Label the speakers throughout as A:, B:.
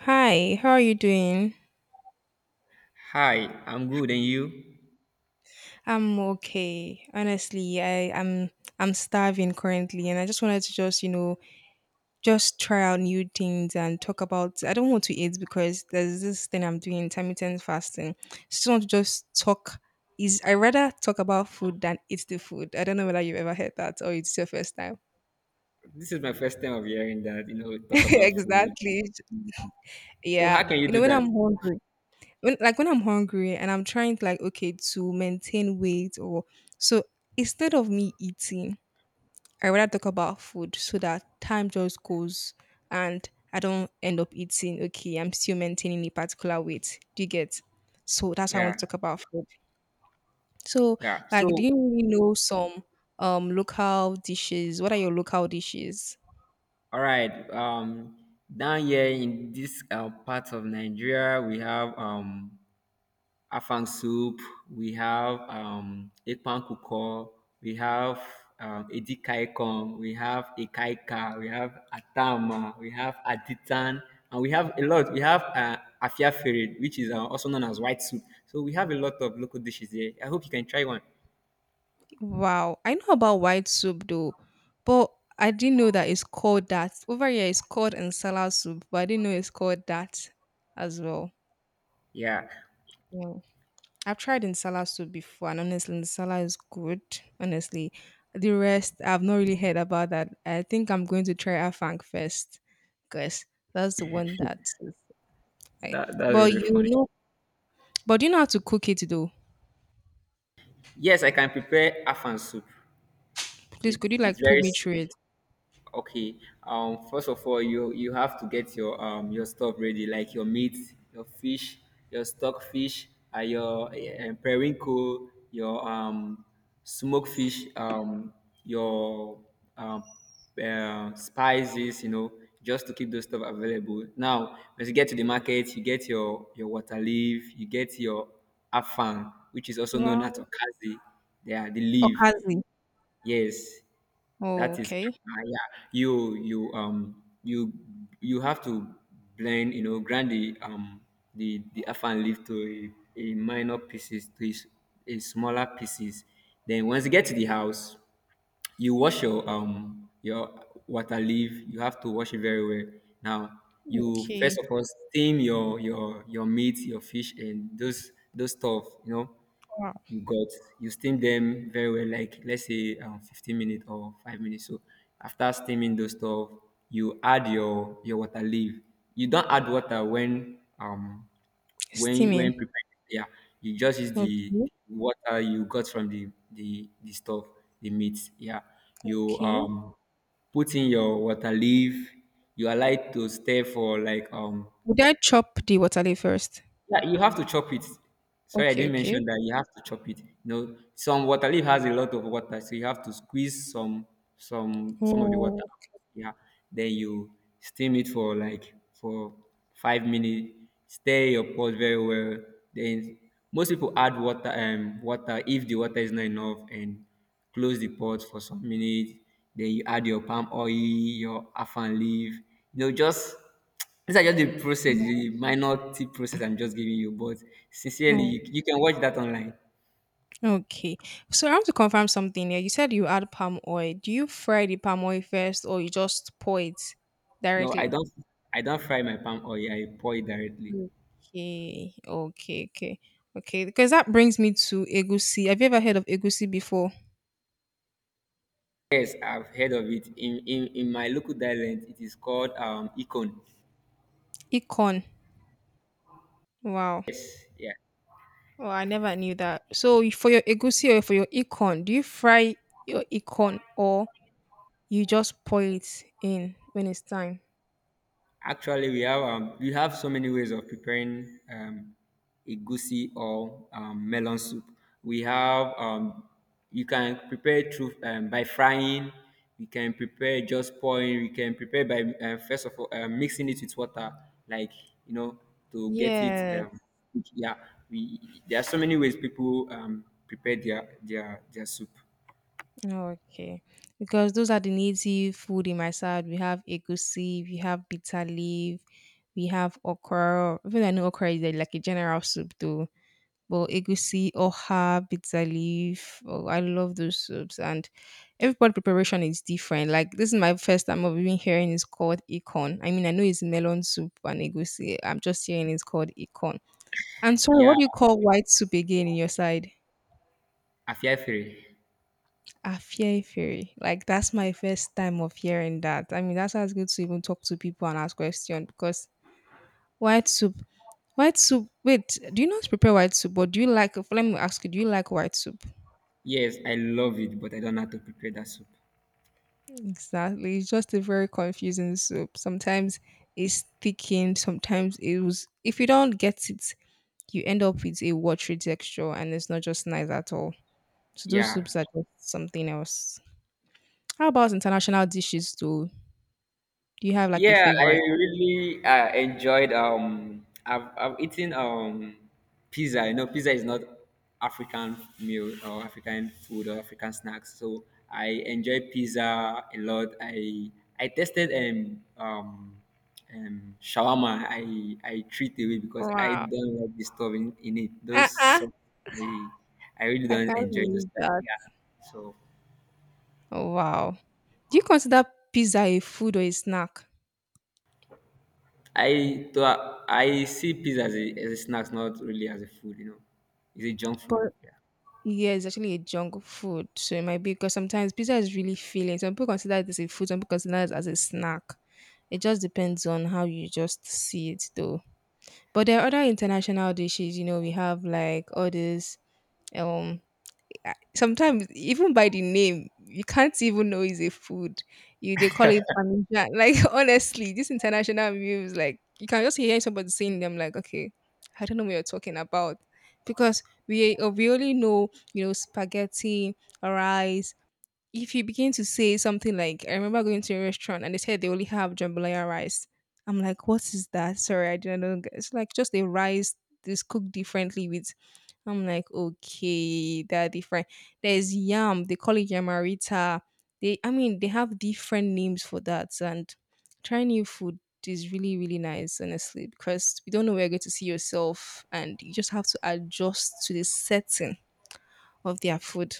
A: Hi, how are you doing?
B: Hi, I'm good, and you?
A: I'm okay. Honestly, I'm starving currently, and I just wanted to just try out new things and talk about I don't want to eat because there's this thing I'm doing, intermittent fasting. Just want to just talk is I rather talk about food than eat the food. I don't know whether you've ever heard that or it's your first time.
B: This is my first time of hearing that, you know, talk about food.
A: Exactly.
B: So how
A: Yeah.
B: can you
A: You know,
B: do
A: when
B: that?
A: I'm hungry. When, like when I'm hungry and I'm trying to like okay to maintain weight or so, instead of me eating, I rather talk about food so that time just goes, and I don't end up eating. Okay, I'm still maintaining a particular weight. Do you get? So that's why I
B: Yeah,
A: want to talk about food. So
B: yeah.
A: like, do
B: So,
A: you really know some local dishes? What are your local dishes?
B: all right. Down here in this part of Nigeria, we have afang soup, we have ekpan kuko, we have edikaikom, we have ekaika, we have atama, we have aditan, and we have a lot. We have afiafere, which is also known as white soup. So we have a lot of local dishes here. I hope you can try one.
A: Wow, I know about white soup though, but I didn't know that it's called that. Over here, it's called insala soup, but I didn't know it's called that as well.
B: Yeah,
A: Yeah. I've tried insala soup before, and honestly, insala is good. Honestly, the rest I've not really heard about that. I think I'm going to try afang first, because that's the one that. I,
B: that's
A: but
B: really
A: you
B: funny.
A: know, but do you know how to cook it though?
B: Yes, I can prepare afang soup.
A: Please,
B: It,
A: could you
B: it's
A: like put
B: very
A: me through it?
B: okay. First of all, you have to get your stuff ready, like your meat, your fish, your stockfish, your periwinkle, your smoked fish, your um spices. You know, just to keep those stuff available. Now, when you get to the market, you get your water leaf, you get your afang, which is also known as
A: Wow,
B: okazi. They are the leaf.
A: okazi.
B: Yes,
A: Oh,
B: that is
A: okay,
B: yeah. You you have to blend, you know, grind the the afan leaf to a minor pieces to a smaller pieces. Then once you get to the house, you wash your water leaf. You have to wash it very well. Now you
A: okay.
B: first of all steam your your meat, your fish, and those stuff. You know you got you steam them very well like let's say 15 minutes or 5 minutes. So after steaming those stuff, you add your water leaf. You don't add water when
A: Steaming.
B: preparing, yeah. You just use
A: Okay.
B: the water you got from the stuff, the meat, yeah. you
A: Okay.
B: um put in your water leaf, you allow it to stay for like,
A: Would I chop the water leaf first?
B: yeah, you have to chop it. Sorry, I
A: Okay.
B: didn't
A: Okay.
B: mention that you have to chop it. You know, some water leaf has a lot of water, so you have to squeeze some of the water
A: Oh.
B: out. Yeah, then you steam it for 5 minutes. Stir your pot very well. Then most people add water if the water is not enough, and close the pot for some minutes. Then you add your palm oil, your afan leaf. You know, just these are just the process, the minor tip process I'm just giving you. But sincerely,
A: oh,
B: you can watch that online.
A: Okay. So I want to confirm something here. You said you add palm oil. Do you fry the palm oil first, or you just pour it
B: No, I
A: directly?
B: don't. I don't fry my palm oil. I pour it directly.
A: Okay. Okay. Okay. Okay. Because that brings me to egusi. Have you ever heard of egusi before?
B: Yes, I've heard of it. In my local dialect, it is called icon.
A: Econ. Wow.
B: Yes, yeah.
A: Oh, I never knew that. So for your egusi or for your econ, do you fry your econ, or you just pour it in when it's time?
B: Actually, we have so many ways of preparing egusi or melon soup. We have you can prepare it through, by frying. You can prepare just pouring. You can prepare by, first of all, mixing it with water, like, you know, to get it.
A: Yeah.
B: Yeah, we there are so many ways people, prepare their their soup.
A: Okay. Because those are the native food in my side. We have egusi, we have bitter leaf, we have okra. Even I know okra is like a general soup though. But egusi, oha, bitter leaf. Oh, I love those soups. And everybody preparation is different. Like, this is my first time of even hearing it's called econ. I mean, I know it's melon soup and egusi. I'm just hearing it's called econ. And sorry,
B: Yeah,
A: what do you call white soup again in your side?
B: afiafere.
A: Afie Fury. Like, that's my first time of hearing that. I mean, that's why it's good to even talk to people and ask questions because white soup. White soup. Wait, do you not prepare white soup? But do you like? Let me ask you. Do you like white soup?
B: Yes, I love it, but I don't know how to prepare that soup.
A: Exactly. It's just a very confusing soup. Sometimes it's thickened, sometimes it was, if you don't get it, you end up with a watery texture, and it's not just nice at all. So those
B: Yeah.
A: soups are just something else. How about international dishes though? Do you have like a
B: Yeah, I
A: favorite?
B: really enjoyed. I've eaten pizza. You know, pizza is not African meal or African food or African snacks. So I enjoy pizza a lot. I tested shawarma. I treat away because I
A: Wow.
B: don't like the stuff in it. Those, so
A: Uh-uh.
B: I, I really
A: I
B: don't
A: can't
B: enjoy the
A: believe
B: stuff.
A: that.
B: Yeah. So
A: Wow. Do you consider pizza a food or a snack?
B: I see pizza as as a snack, not really as a food. You know, it's a junk food.
A: But
B: Yeah.
A: yeah, it's actually a junk food, so it might be because sometimes pizza is really filling. Some people consider it as a food, some people consider it as a snack. It just depends on how you just see it, though. But there are other international dishes. You know, we have like all these. Um, sometimes even by the name you can't even know it's a food. You they call it Parmesan. Like honestly, this international reviews, like, you can just hear somebody saying them like, okay, I don't know what you're talking about, because we only know, spaghetti, rice. If you begin to say something like, I remember going to a restaurant, and they said they only have jambalaya rice, I'm like, what is that? Sorry, I didn't know it's like just a rice that's cooked differently with I'm like, okay, they're different. There's yam, they call it yamarita. They, I mean, they have different names for that. And trying new food is really, really nice, honestly, because you don't know where you're going to see yourself, and you just have to adjust to the setting of their food.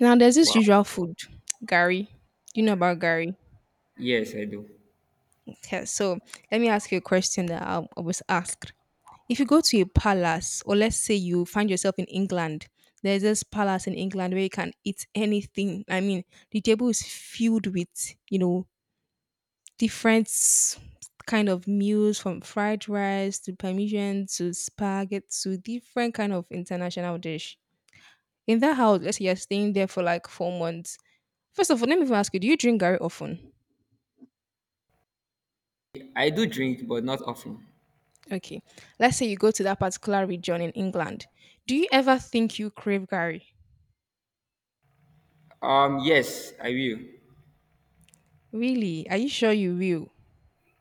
A: Now, there's this
B: Wow.
A: usual food, Gary. You know about Gary.
B: Yes, I do.
A: Okay, so let me ask you a question that I was asked. If you go to a palace, or let's say you find yourself in England, there's this palace in England where you can eat anything. I mean, the table is filled with, you know, different kind of meals from fried rice to Parmesan to spaghetti to different kind of international dish. In that house, let's say you're staying there for like 4 months. First of all, let me even ask you, do you drink Gary often?
B: I do drink, but not often.
A: Okay. Let's say you go to that particular region in England. Do you ever think you crave Gary?
B: Yes, I will.
A: Really? Are you sure you will?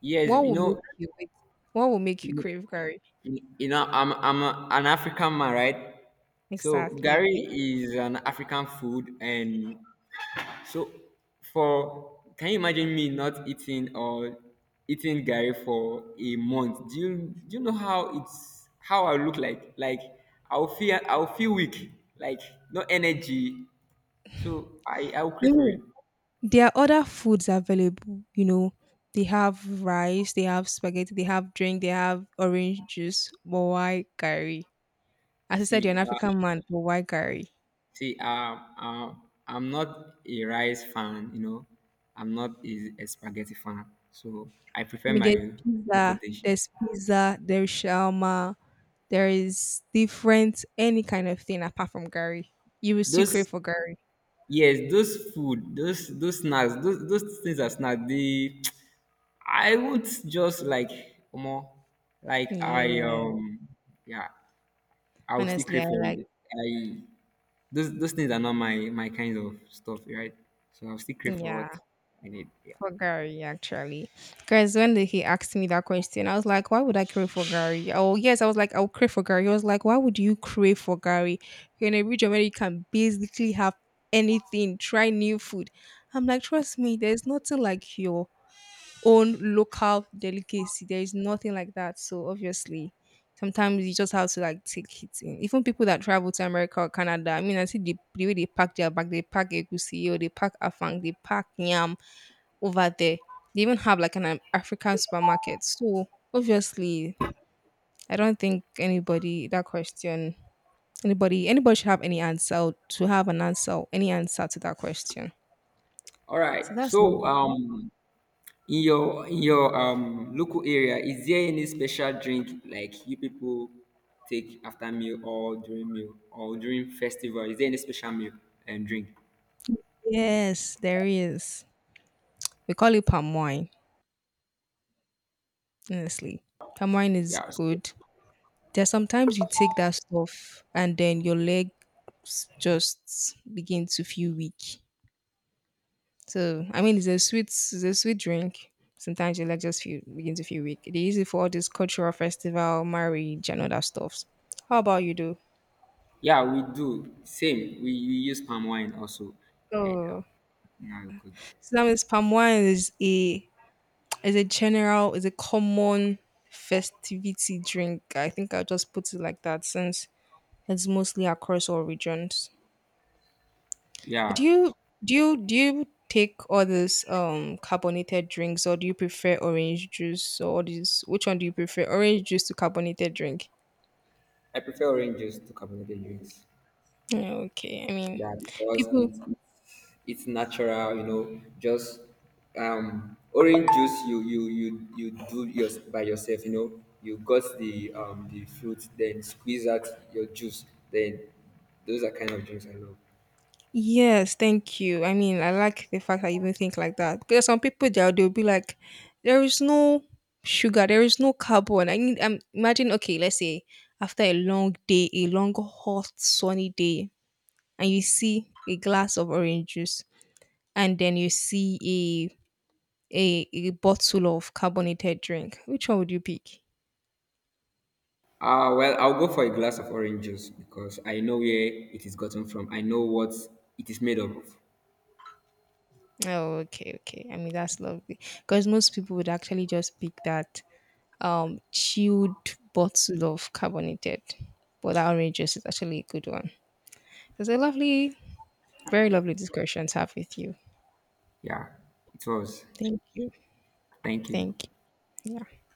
B: Yes,
A: What
B: you
A: will make
B: know,
A: you wait? What will make you
B: you
A: crave curry?
B: I'm an African man, right? So
A: Exactly.
B: Gary
A: Okay.
B: is an African food, and so for, can you imagine me not eating or eating Gary for a month? Do you know how it's how I look like? Like I'll feel weak, like no energy. So I'll
A: I
B: crave for it.
A: mean, there are other foods available. You know, they have rice, they have spaghetti, they have drink, they have orange juice. But why curry? As I said, you're
B: See,
A: an
B: uh,
A: African man, but why curry?
B: see, uh, I'm not a rice fan, you know. I'm not a spaghetti fan, so I
A: I
B: prefer
A: mean, there's
B: my local
A: pizza,
B: dish.
A: there's pizza, there's shawarma, there is different any kind of thing apart from curry. You will still
B: Those,
A: crave for curry.
B: yes, those food, those snacks, those things are snacks. They, I won't just like more, like I
A: Yeah.
B: yeah, I will still
A: Honestly, I
B: crave for
A: like.
B: it. I Those things are not my kind of stuff, right? So I'll still crave for
A: Yeah.
B: what I need. Yeah.
A: for Gary actually. Guys, when he asked me that question, I was like, why would I crave for Gary? Oh, yes, I was like, I'll crave for Gary. He was like, why would you crave for Gary? You're in a region where you can basically have anything, try new food. I'm like, trust me, there's nothing like your own local delicacy. There is nothing like that. So obviously, sometimes you just have to like take it in. Even people that travel to America or Canada, I mean, I see the way they pack their bag, they pack egusi or they pack afang, they pack yam over there. They even have like an African supermarket. So obviously, I don't think anybody that question anybody should have any answer to have an answer any answer to that question.
B: All right.
A: So that's what
B: So,
A: we do.
B: in your local area, is there any special drink like you people take after meal or during festival? Is there any special meal and drink?
A: Yes, there is. We call it palm wine. Honestly, palm wine is
B: Yeah, s-
A: good. There's sometimes you take that stuff and then your legs just begin to feel weak. So I mean, it's a sweet drink. Sometimes you like just feel begin to feel weak. They use it for all this cultural festival, marriage, and other stuffs. How about you, do?
B: yeah, we do. Same. We use palm wine also, and
A: Oh,
B: now
A: so that means palm wine is a general is a common festivity drink. I think I'll just put it like that since it's mostly across all regions. But do
B: yeah,
A: you do you do you take all these carbonated drinks, or do you prefer orange juice, or all these, which one do you prefer? Orange juice to carbonated drink?
B: I prefer orange juice to carbonated drinks.
A: Yeah, okay, I mean,
B: Yeah, because
A: people.
B: it's natural. You know, just, orange juice you do your, by yourself. You know, you got the fruit, then squeeze out your juice. Then those are kind of drinks I love.
A: Yes, thank you. I mean, I like the fact that you even think like that because some people there they'll be like, there is no sugar, there is no carbon. I need. Imagine. Okay, let's say after a long day, a long hot sunny day, and you see a glass of orange juice, and then you see a bottle of carbonated drink. Which one would you pick?
B: Well, I'll go for a glass of orange juice because I know where it is gotten from. I know what it is made of.
A: Oh, okay, okay. I mean, that's lovely because most people would actually just pick that chilled bottle of carbonated. But that orange juice is actually a good one. It's a lovely, very lovely discussion to have with you.
B: Yeah, it was.
A: Thank you.
B: Thank you.
A: Thank you. Yeah.